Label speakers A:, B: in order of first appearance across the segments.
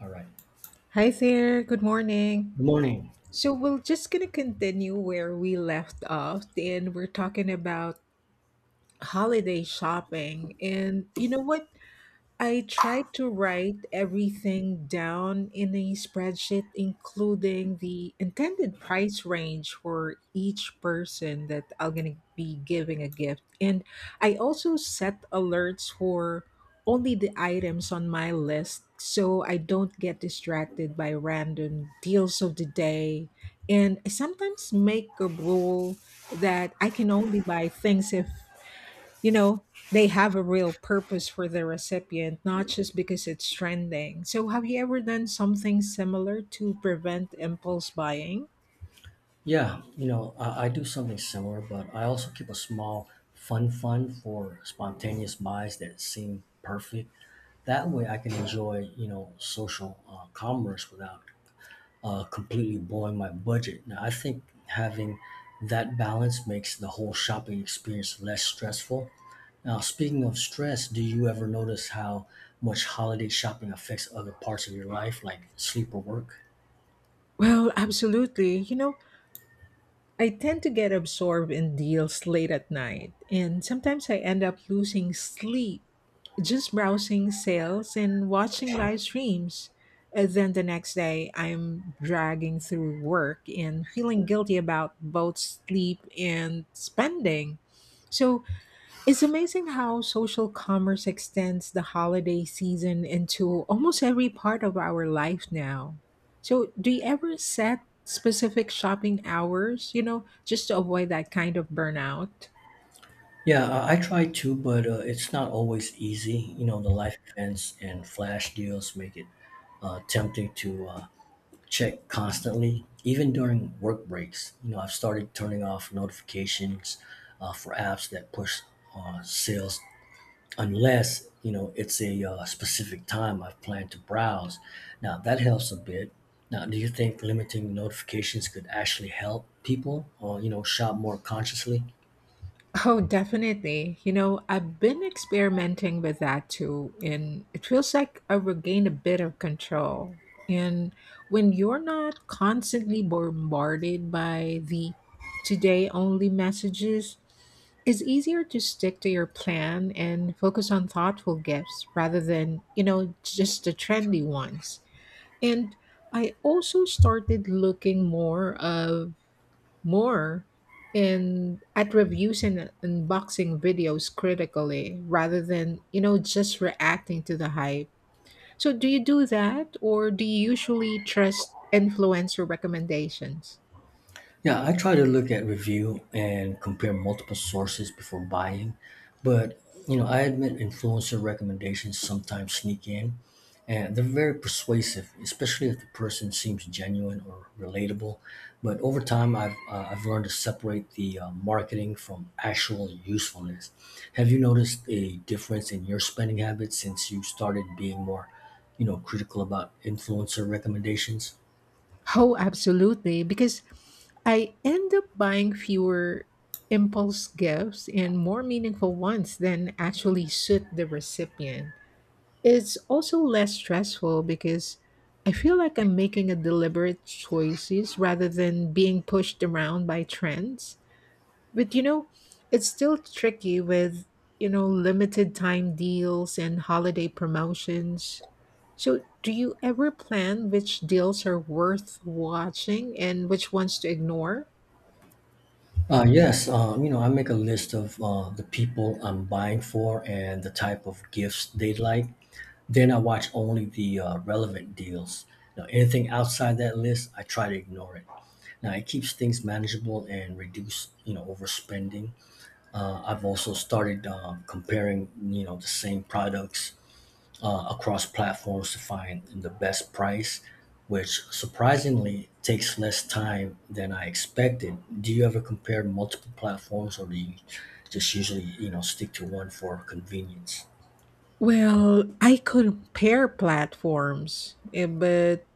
A: All right.
B: Hi there, good morning.
A: Good morning.
B: So we're just gonna continue where we left off, and we're talking about holiday shopping. And you know what? I try to write everything down in a spreadsheet, including the intended price range for each person that I'm going to be giving a gift. And I also set alerts for only the items on my list so I don't get distracted by random deals of the day. And I sometimes make a rule that I can only buy things if you know, they have a real purpose for the recipient, not just because it's trending. So, have you ever done something similar to prevent impulse buying?
A: Yeah, you know, I do something similar, but I also keep a small fun fund for spontaneous buys that seem perfect. That way, I can enjoy, you know, social commerce without completely blowing my budget. Now, I think having that balance makes the whole shopping experience less stressful. Now, speaking of stress, do you ever notice how much holiday shopping affects other parts of your life, like sleep or work?
B: Well, absolutely. You know, I tend to get absorbed in deals late at night, and sometimes I end up losing sleep just browsing sales and watching live streams. And then the next day, I'm dragging through work and feeling guilty about both sleep and spending. So it's amazing how social commerce extends the holiday season into almost every part of our life now. So, do you ever set specific shopping hours, you know, just to avoid that kind of burnout?
A: Yeah, I try to, but it's not always easy. You know, the life events and flash deals make it tempting to check constantly, even during work breaks. You know, I've started turning off notifications for apps that push sales unless, you know, it's a specific time I've planned to browse. Now, that helps a bit. Now, do you think limiting notifications could actually help people, you know, shop more consciously?
B: Oh, definitely. You know, I've been experimenting with that too, and it feels like I regain a bit of control. And when you're not constantly bombarded by the today only messages, it's easier to stick to your plan and focus on thoughtful gifts rather than, you know, just the trendy ones. And I also started looking more in at reviews and unboxing videos critically rather than, you know, just reacting to the hype. So do you do that, or do you usually trust influencer recommendations?
A: Yeah, I try to look at review and compare multiple sources before buying, but you know, I admit influencer recommendations sometimes sneak in, and they're very persuasive, especially if the person seems genuine or relatable. But over time, I've learned to separate the marketing from actual usefulness. Have you noticed a difference in your spending habits since you started being more, you know, critical about influencer recommendations?
B: Oh, absolutely, because I end up buying fewer impulse gifts and more meaningful ones than actually suit the recipient. It's also less stressful because I feel like I'm making a deliberate choices rather than being pushed around by trends. But you know, it's still tricky with, you know, limited time deals and holiday promotions. So, do you ever plan which deals are worth watching and which ones to ignore?
A: Yes, you know, I make a list of the people I'm buying for and the type of gifts they like. Then I watch only the relevant deals. Now, anything outside that list, I try to ignore it. Now, it keeps things manageable and reduce, you know, overspending. I've also started comparing, you know, the same products across platforms to find the best price, which surprisingly takes less time than I expected. Do you ever compare multiple platforms, or do you just usually, you know, stick to one for convenience?
B: Well, I compare platforms, eh, but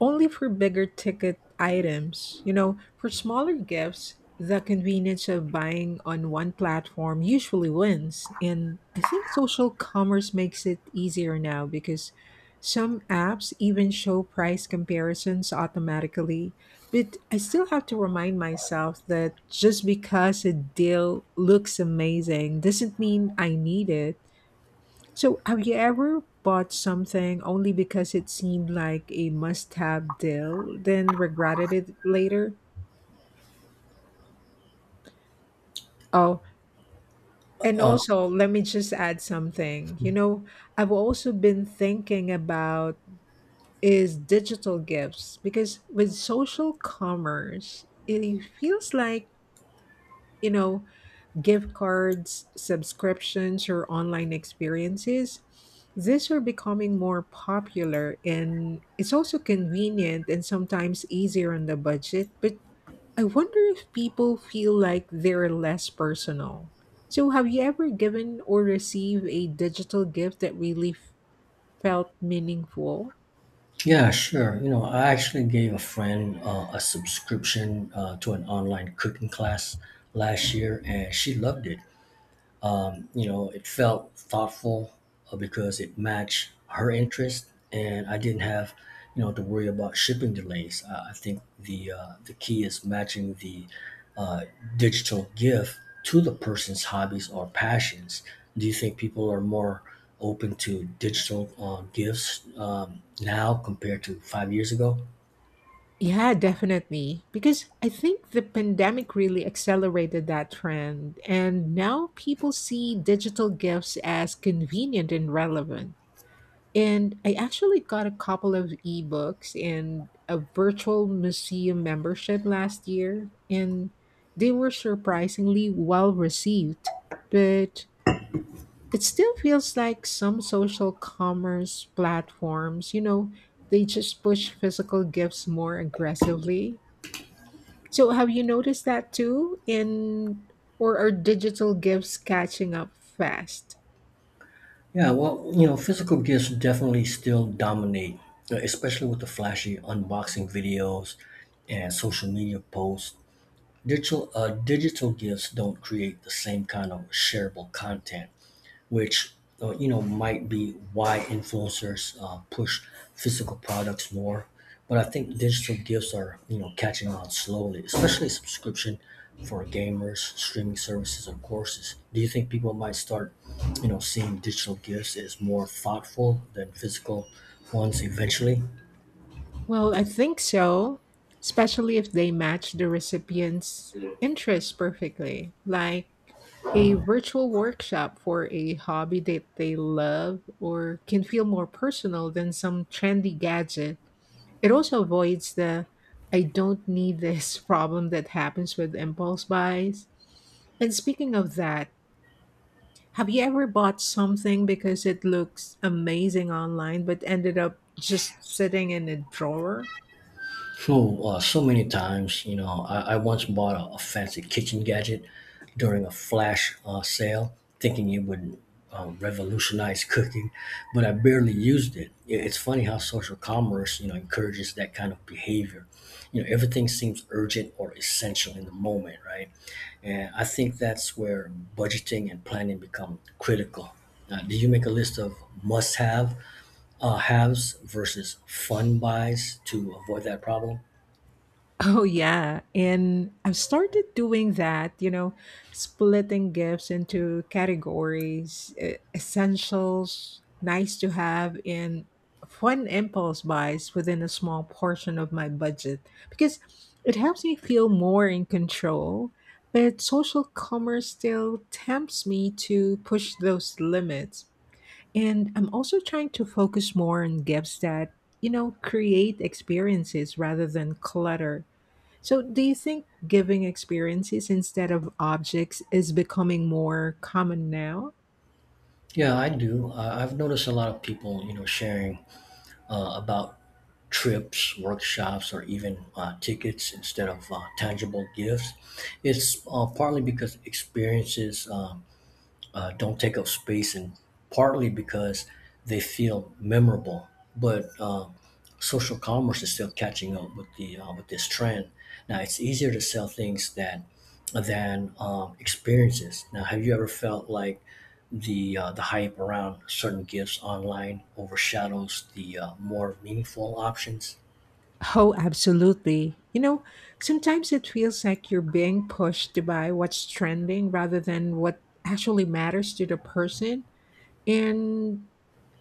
B: only for bigger ticket items. You know, for smaller gifts, the convenience of buying on one platform usually wins. And I think social commerce makes it easier now because some apps even show price comparisons automatically. But I still have to remind myself that just because a deal looks amazing doesn't mean I need it. So, have you ever bought something only because it seemed like a must have deal, then regretted it later? Oh, and
A: Uh,
B: also, let me just add something. You know, I've also been thinking about is digital gifts, because with social commerce, it feels like, you know, gift cards, subscriptions, or online experiences. These are becoming more popular and it's also convenient and sometimes easier on the budget, but I wonder if people feel like they're less personal. So, have you ever given or received a digital gift that really felt meaningful?
A: yeah, sure. You know, I actually gave a friend a subscription to an online cooking class last year, and she loved it. You know, it felt thoughtful because it matched her interest, and I didn't have, you know, to worry about shipping delays. I think the key is matching the uh, digital gift to the person's hobbies or passions. Do you think people are more open to digital gifts now compared to 5 years ago?
B: Yeah, definitely. Because I think the pandemic really accelerated that trend. And now people see digital gifts as convenient and relevant. And I actually got a couple of ebooks and a virtual museum membership last year, and they were surprisingly well received. But it still feels like some social commerce platforms, you know, they just push physical gifts more aggressively. So have you noticed that too, in, or are digital gifts catching up fast?
A: Yeah, well, you know, physical gifts definitely still dominate, especially with the flashy unboxing videos and social media posts. Digital gifts don't create the same kind of shareable content, which you know might be why influencers push physical products more. But I think digital gifts are, you know, catching on slowly, especially subscription for gamers, streaming services, or courses. Do you think people might start, you know, seeing digital gifts as more thoughtful than physical ones eventually?
B: Well, I think so, especially if they match the recipient's interests perfectly, like a virtual workshop for a hobby that they love or can feel more personal than some trendy gadget. It also avoids the I don't need this problem that happens with impulse buys. And speaking of that, have you ever bought something because it looks amazing online but ended up just sitting in a drawer?
A: True. So many times, you know, I once bought a fancy kitchen gadget during a flash sale, thinking it would revolutionize cooking, but I barely used it. It's funny how social commerce, you know, encourages that kind of behavior. You know, everything seems urgent or essential in the moment, right? And I think that's where budgeting and planning become critical. Do you make a list of must-have haves versus fun buys to avoid that problem?
B: Oh, yeah. And I've started doing that, you know, splitting gifts into categories, essentials, nice to have, and fun impulse buys within a small portion of my budget, because it helps me feel more in control. But social commerce still tempts me to push those limits. And I'm also trying to focus more on gifts that, you know, create experiences rather than clutter. So, do you think giving experiences instead of objects is becoming more common now?
A: Yeah, I do. I've noticed a lot of people, you know, sharing about trips, workshops, or even tickets instead of tangible gifts. It's partly because experiences don't take up space, and partly because they feel memorable. But social commerce is still catching up with the with this trend. Now it's easier to sell things that than experiences. Now, have you ever felt like the hype around certain gifts online overshadows the more meaningful options?
B: Oh, absolutely. You know, sometimes it feels like you're being pushed to buy what's trending rather than what actually matters to the person. And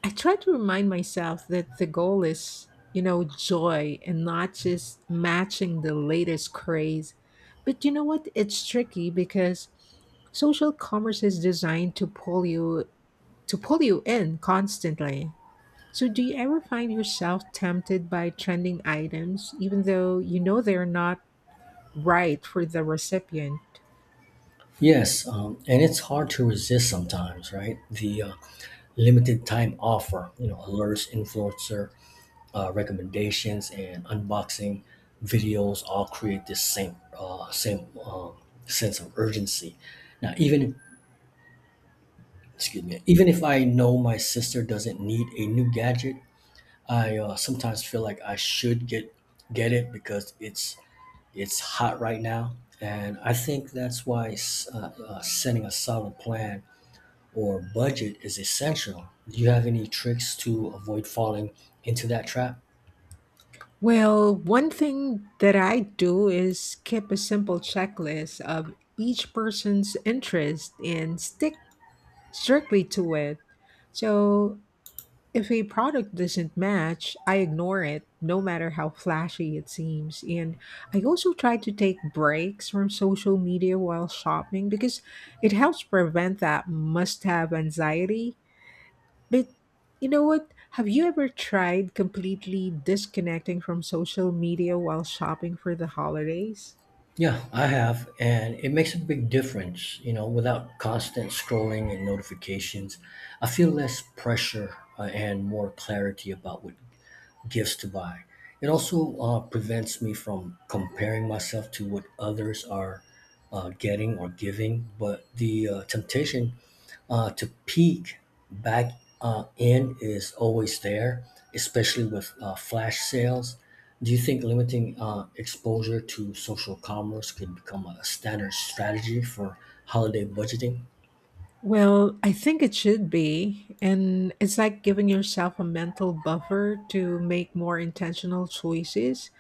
B: I try to remind myself that the goal is, you know, joy and not just matching the latest craze. But you know what? It's tricky because social commerce is designed to pull you in constantly. So do you ever find yourself tempted by trending items even though you know they're not right for the recipient?
A: Yes, and it's hard to resist sometimes, right? The limited time offer, you know, alerts, influencer recommendations, and unboxing videos all create this same sense of urgency. Now, even excuse me, even if I know my sister doesn't need a new gadget, I sometimes feel like I should get it because it's hot right now, and I think that's why setting a solid plan or budget is essential. Do you have any tricks to avoid falling into that trap?
B: Well, one thing that I do is keep a simple checklist of each person's interest and stick strictly to it. So, if a product doesn't match, I ignore it, no matter how flashy it seems. And I also try to take breaks from social media while shopping because it helps prevent that must have anxiety. But you know what? Have you ever tried completely disconnecting from social media while shopping for the holidays?
A: Yeah, I have, and it makes a big difference, you know, without constant scrolling and notifications. I feel less pressure and more clarity about what gifts to buy. It also prevents me from comparing myself to what others are getting or giving, but the temptation to peek back in is always there, especially with flash sales. Do you think limiting exposure to social commerce could become a standard strategy for holiday budgeting?
B: Well, I think it should be. And it's like giving yourself a mental buffer to make more intentional choices.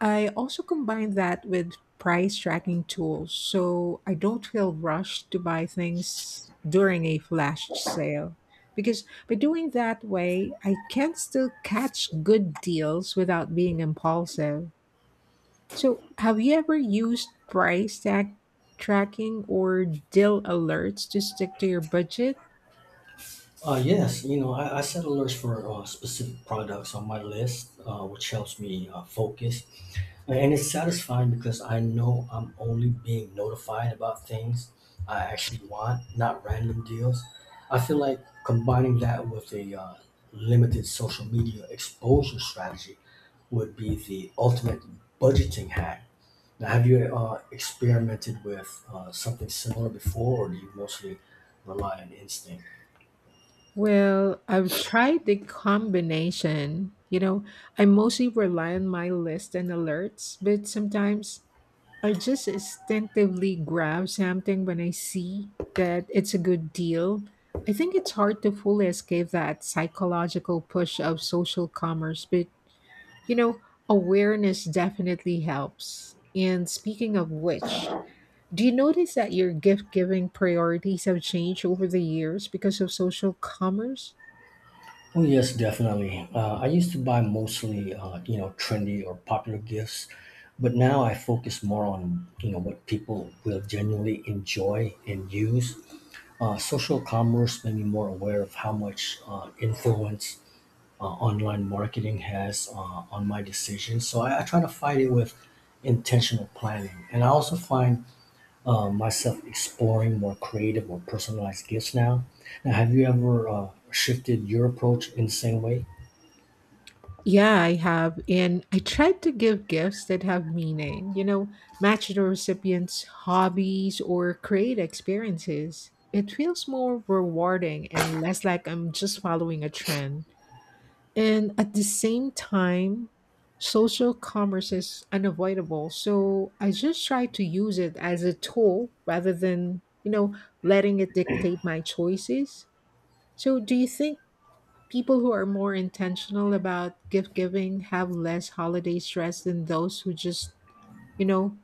B: I also combine that with price tracking tools so I don't feel rushed to buy things during a flash sale. Because by doing that way, I can still catch good deals without being impulsive. So, have you ever used price tag tracking or deal alerts to stick to your budget?
A: Yes, you know, I set alerts for specific products on my list, which helps me focus. And it's satisfying because I know I'm only being notified about things I actually want, not random deals. I feel like combining that with a limited social media exposure strategy would be the ultimate budgeting hack. Now, have you experimented with something similar before, or do you mostly rely on instinct?
B: Well, I've tried the combination. You know, I mostly rely on my list and alerts, but sometimes I just instinctively grab something when I see that it's a good deal. I think it's hard to fully escape that psychological push of social commerce, but you know, awareness definitely helps. And speaking of which, do you notice that your gift giving priorities have changed over the years because of social commerce?
A: Oh, yes, definitely. I used to buy mostly, you know, trendy or popular gifts, but now I focus more on, you know, what people will genuinely enjoy and use. Social commerce made me more aware of how much influence online marketing has on my decisions. So I try to fight it with intentional planning. And I also find myself exploring more creative or personalized gifts now. Now, have you ever shifted your approach in the same way?
B: Yeah, I have. And I tried to give gifts that have meaning, you know, match the recipient's hobbies or create experiences. It feels more rewarding and less like I'm just following a trend. And at the same time, social commerce is unavoidable. So I just try to use it as a tool rather than, you know, letting it dictate my choices. So do you think people who are more intentional about gift giving have less holiday stress than those who just, you know,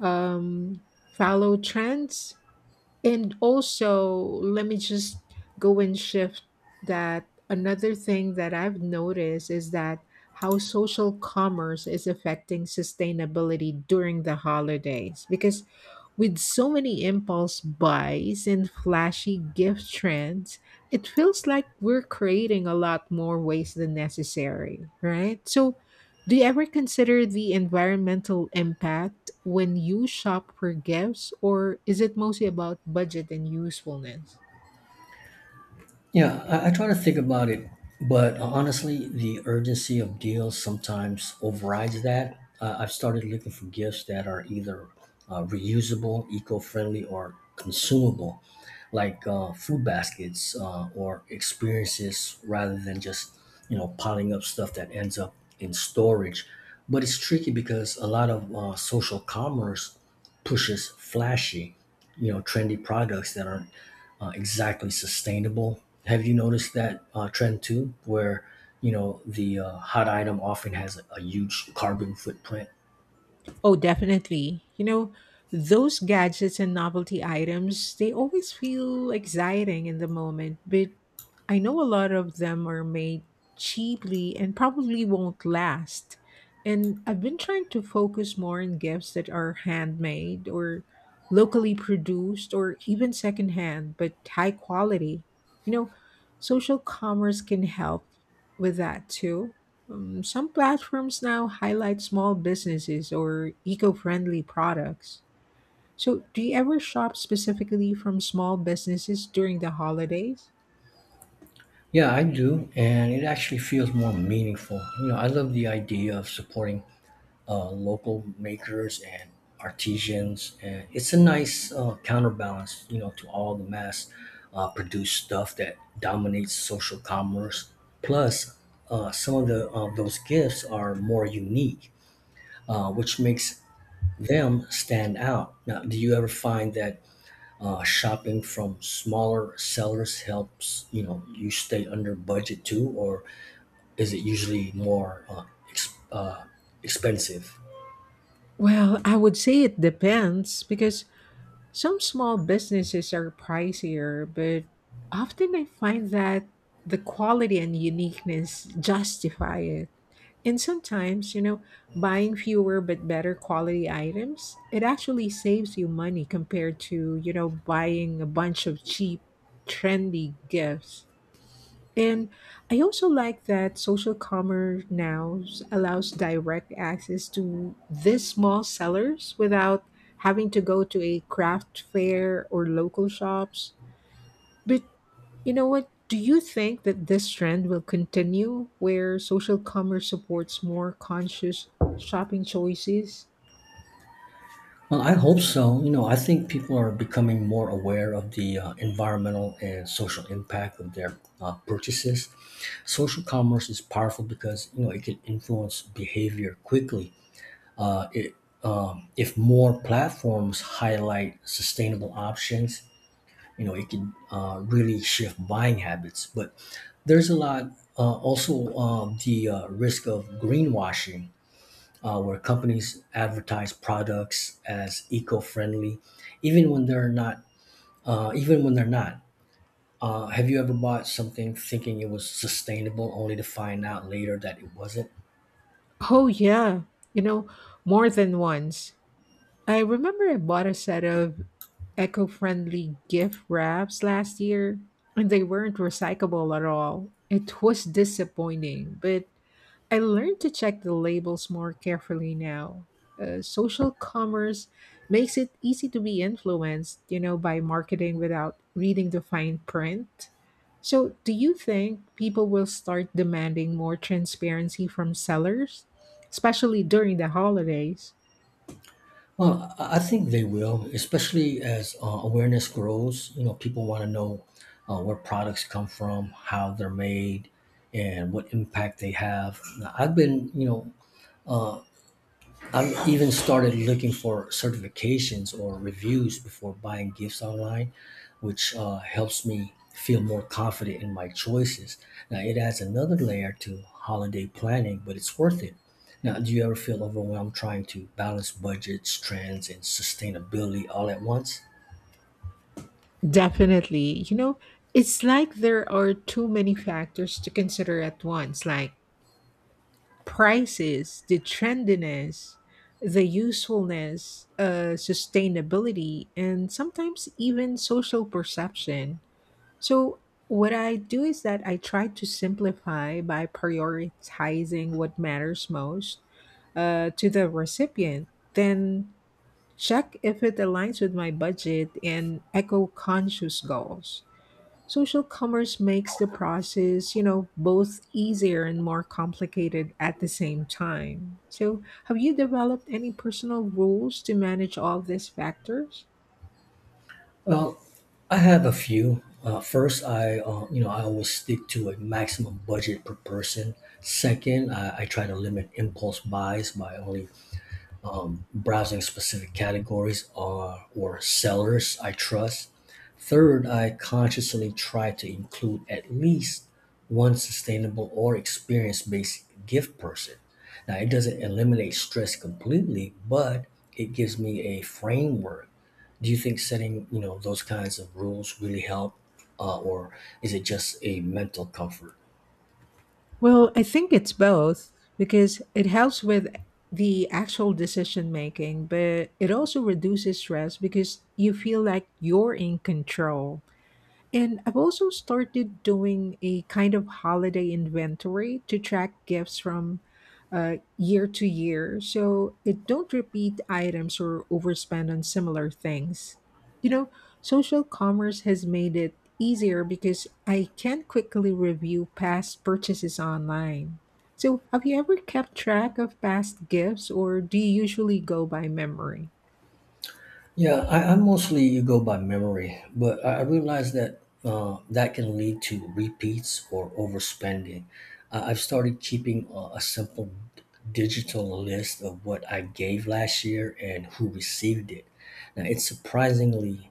B: um, follow trends. And also, let me just go and shift that. Another thing that I've noticed is that how social commerce is affecting sustainability during the holidays. Because with so many impulse buys and flashy gift trends, it feels like we're creating a lot more waste than necessary, right? So, do you ever consider the environmental impact when you shop for gifts, or is it mostly about budget and usefulness?
A: Yeah, I try to think about it, but honestly, the urgency of deals sometimes overrides that. I've started looking for gifts that are either reusable, eco-friendly, or consumable, like food baskets or experiences, rather than just, you know, piling up stuff that ends up in storage. But it's tricky because a lot of social commerce pushes flashy, you know, trendy products that aren't exactly sustainable. Have you noticed that trend too, where you know the hot item often has a huge carbon footprint?
B: Oh, definitely. You know, those gadgets and novelty items, they always feel exciting in the moment, but I know a lot of them are made cheaply and probably won't last. And I've been trying to focus more on gifts that are handmade or locally produced or even secondhand, but high quality. You know, social commerce can help with that too. Some platforms now highlight small businesses or eco friendly products. So, do you ever shop specifically from small businesses during the holidays?
A: Yeah, I do, and it actually feels more meaningful. You know, I love the idea of supporting local makers and artisans, and it's a nice counterbalance, you know, to all the mass produced stuff that dominates social commerce. Plus, some of the those gifts are more unique, which makes them stand out. Now, do you ever find that shopping from smaller sellers helps, you know, you stay under budget too, or is it usually more ex- uh, expensive?
B: Well, I would say it depends because some small businesses are pricier, but often I find that the quality and uniqueness justify it. And sometimes, you know, buying fewer but better quality items, it actually saves you money compared to, you know, buying a bunch of cheap, trendy gifts. And I also like that social commerce now allows direct access to these small sellers without having to go to a craft fair or local shops. But you know what? Do you think that this trend will continue where social commerce supports more conscious shopping choices?
A: Well, I hope so. You know, I think people are becoming more aware of the environmental and social impact of their purchases. Social commerce is powerful because, you know, it can influence behavior quickly. It if more platforms highlight sustainable options, you know, it can really shift buying habits. But there's a lot also the risk of greenwashing where companies advertise products as eco-friendly, even when they're not. Uh, even when they're not. Have you ever bought something thinking it was sustainable, only to find out later that it wasn't?
B: Oh, yeah. You know, more than once. I remember I bought a set of eco-friendly gift wraps last year and they weren't recyclable at all. It was disappointing, but I learned to check the labels more carefully now. Social commerce makes it easy to be influenced, you know, by marketing without reading the fine print. So, do you think people will start demanding more transparency from sellers, especially during the holidays?
A: Well, I think they will, especially as awareness grows. You know, people want to know where products come from, how they're made, and what impact they have. Now, I've been, you know, I've even started looking for certifications or reviews before buying gifts online, which helps me feel more confident in my choices. Now, it adds another layer to holiday planning, but it's worth it. Now, do you ever feel overwhelmed trying to balance budgets, trends, and sustainability all at once?
B: Definitely. You know, it's like there are too many factors to consider at once, like prices, the trendiness, the usefulness, sustainability, and sometimes even social perception. So, what I do is that I try to simplify by prioritizing what matters most to the recipient, then check if it aligns with my budget and eco conscious goals. Social commerce makes the process, you know, both easier and more complicated at the same time. So, have you developed any personal rules to manage all these factors?
A: Well, I have a few. First, I you know, I always stick to a maximum budget per person. Second, I try to limit impulse buys by only browsing specific categories or sellers I trust. Third, I consciously try to include at least one sustainable or experience based gift person. Now, it doesn't eliminate stress completely, but it gives me a framework. Do you think setting, you know, those kinds of rules really help, or is it just a mental comfort?
B: Well, I think it's both because it helps with the actual decision making, but it also reduces stress because you feel like you're in control. And I've also started doing a kind of holiday inventory to track gifts from year to year so it don't repeat items or overspend on similar things. You know, social commerce has made it easier because I can quickly review past purchases online. So, have you ever kept track of past gifts or do you usually go by memory?
A: Yeah, I mostly go by memory, but I realize that that can lead to repeats or overspending. I've started keeping a simple digital list of what I gave last year and who received it. Now, it's surprisingly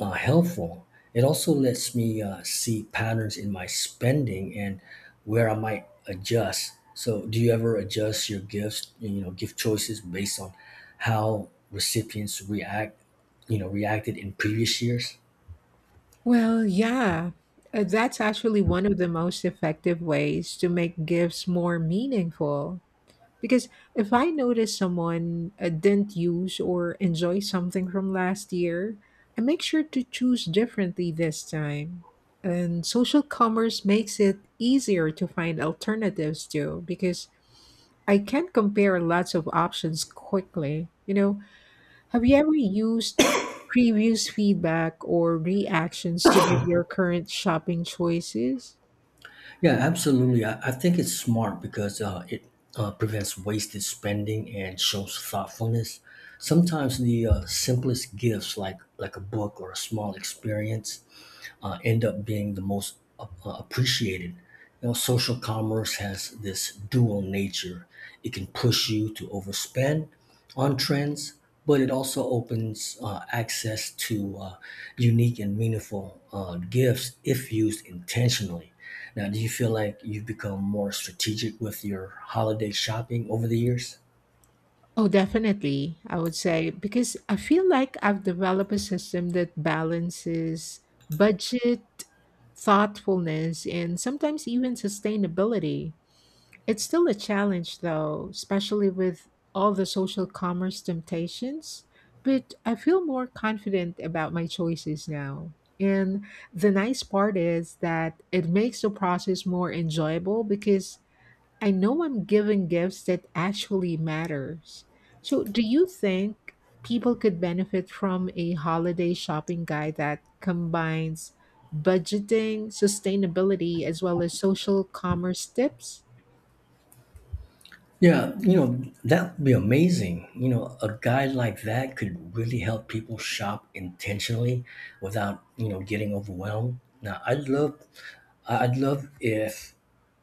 A: helpful. It also lets me see patterns in my spending and where I might adjust. So, do you ever adjust your gifts, you know, gift choices based on how recipients react, you know, reacted in previous years?
B: Well, yeah. That's actually one of the most effective ways to make gifts more meaningful. Because if I notice someone didn't use or enjoy something from last year, I make sure to choose differently this time. And social commerce makes it easier to find alternatives too, because I can compare lots of options quickly. You know, have you ever used previous feedback or reactions to give your current shopping choices?
A: Yeah, absolutely. I think it's smart because it prevents wasted spending and shows thoughtfulness. Sometimes the simplest gifts, like a book or a small experience, end up being the most appreciated. You know, social commerce has this dual nature. It can push you to overspend on trends, but it also opens access to unique and meaningful gifts if used intentionally. Now, do you feel like you've become more strategic with your holiday shopping over the years?
B: Oh, definitely, I would say, because I feel like I've developed a system that balances budget, thoughtfulness, and sometimes even sustainability. It's still a challenge, though, especially with all the social commerce temptations. But I feel more confident about my choices now. And the nice part is that it makes the process more enjoyable because I know I'm giving gifts that actually matters. So, do you think people could benefit from a holiday shopping guide that combines budgeting, sustainability, as well as social commerce tips?
A: Yeah, you know, that would be amazing. You know, a guide like that could really help people shop intentionally without, you know, getting overwhelmed. Now, I would love if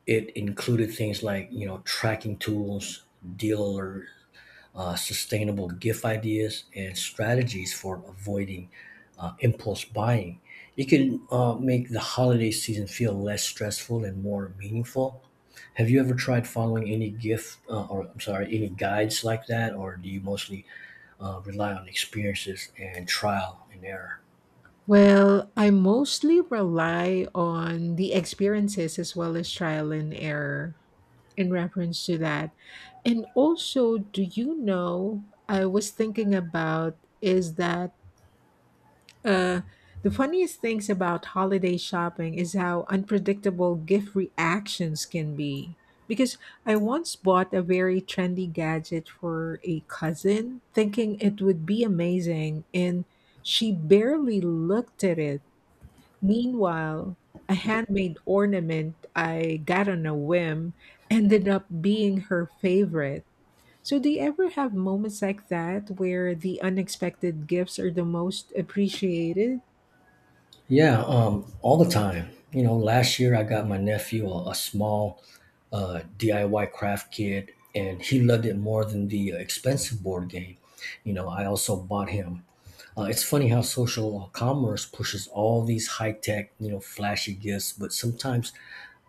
A: it included things like, you know, tracking tools, dealer sustainable gift ideas, and strategies for avoiding impulse buying. It can make the holiday season feel less stressful and more meaningful. Have you ever tried following any gift or I'm sorry, any guides like that, or do you mostly rely on experiences and trial and error?
B: Well, I mostly rely on the experiences as well as trial and error in reference to that. And also, do you know, I was thinking about is that uh, the funniest things about holiday shopping is how unpredictable gift reactions can be. Because I once bought a very trendy gadget for a cousin, thinking it would be amazing, and she barely looked at it. Meanwhile, a handmade ornament I got on a whim ended up being her favorite. So, do you ever have moments like that where the unexpected gifts are the most appreciated?
A: Yeah, all the time. You know, last year I got my nephew a small DIY craft kit, and he loved it more than the expensive board game. You know, I also bought him. It's funny how social commerce pushes all these high tech, you know, flashy gifts, but sometimes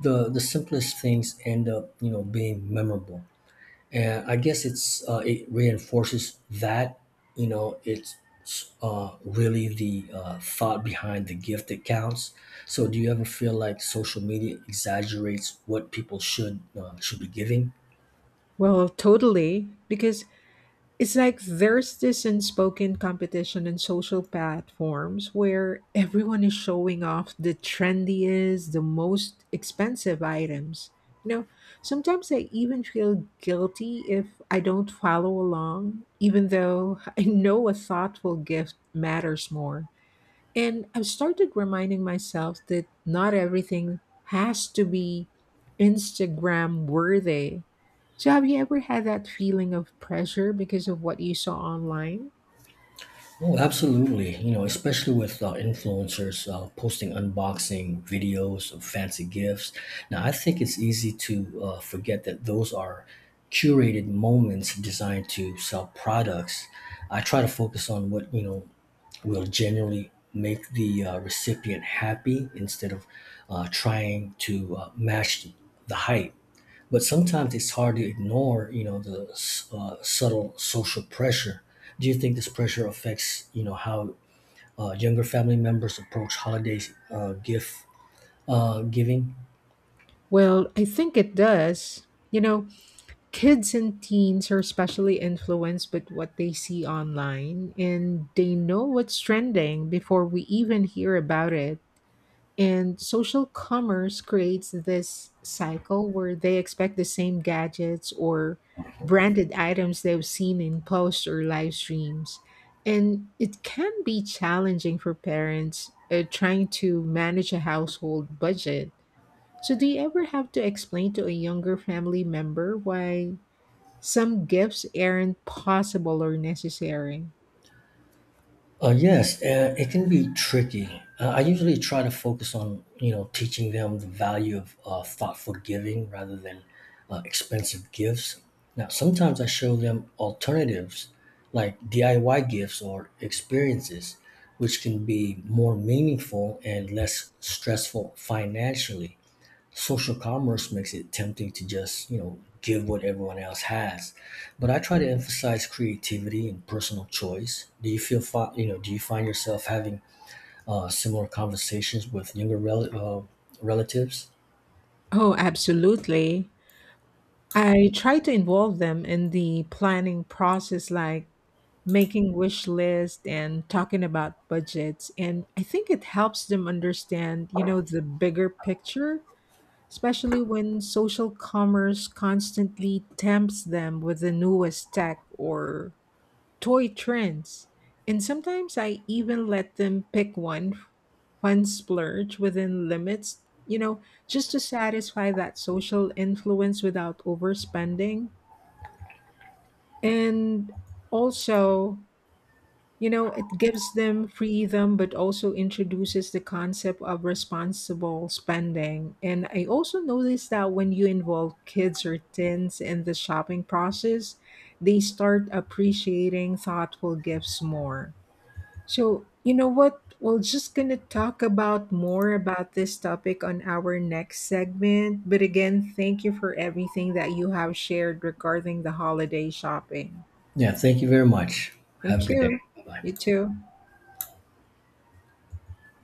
A: the simplest things end up, you know, being memorable. And I guess it's it reinforces that, you know, it's really the thought behind the gift that counts. So, do you ever feel like social media exaggerates what people should be giving?
B: Well, totally, because it's like there's this unspoken competition in social platforms where everyone is showing off the trendiest, the most expensive items. You know, sometimes I even feel guilty if I don't follow along, even though I know a thoughtful gift matters more. And I've started reminding myself that not everything has to be Instagram worthy. So, have you ever had that feeling of pressure because of what you saw online?
A: Oh, absolutely. You know, especially with influencers posting unboxing videos of fancy gifts. Now, I think it's easy to forget that those are curated moments designed to sell products. I try to focus on what, you know, will generally make the recipient happy instead of trying to match the hype. But sometimes it's hard to ignore, you know, the subtle social pressure. Do you think this pressure affects, you know, how younger family members approach holidays gift giving?
B: Well, I think it does. You know, kids and teens are especially influenced by what they see online, and they know what's trending before we even hear about it. And social commerce creates this cycle where they expect the same gadgets or branded items they've seen in posts or live streams. And it can be challenging for parents trying to manage a household budget. So, do you ever have to explain to a younger family member why some gifts aren't possible or necessary?
A: Yes, it can be tricky. I usually try to focus on, you know, teaching them the value of thoughtful giving rather than expensive gifts. Now, sometimes I show them alternatives like DIY gifts or experiences, which can be more meaningful and less stressful financially. Social commerce makes it tempting to just, you know, give what everyone else has, but I try to emphasize creativity and personal choice. Do you you know, do you find yourself having similar conversations with younger relatives?
B: Oh, absolutely. I try to involve them in the planning process, like making wish list and talking about budgets, and I think it helps them understand, you know, the bigger picture, especially when social commerce constantly tempts them with the newest tech or toy trends. And sometimes I even let them pick one fun splurge within limits, you know, just to satisfy that social influence without overspending. And also, you know, it gives them freedom, but also introduces the concept of responsible spending. And I also noticed that when you involve kids or teens in the shopping process, they start appreciating thoughtful gifts more. So, you know what? We're just going to talk about more about this topic on our next segment. But again, thank you for everything that you have shared regarding the holiday shopping.
A: Yeah, thank you very much. Have a
B: Thank
A: good day.
B: you.
A: Bye
B: You
A: bye.
B: too.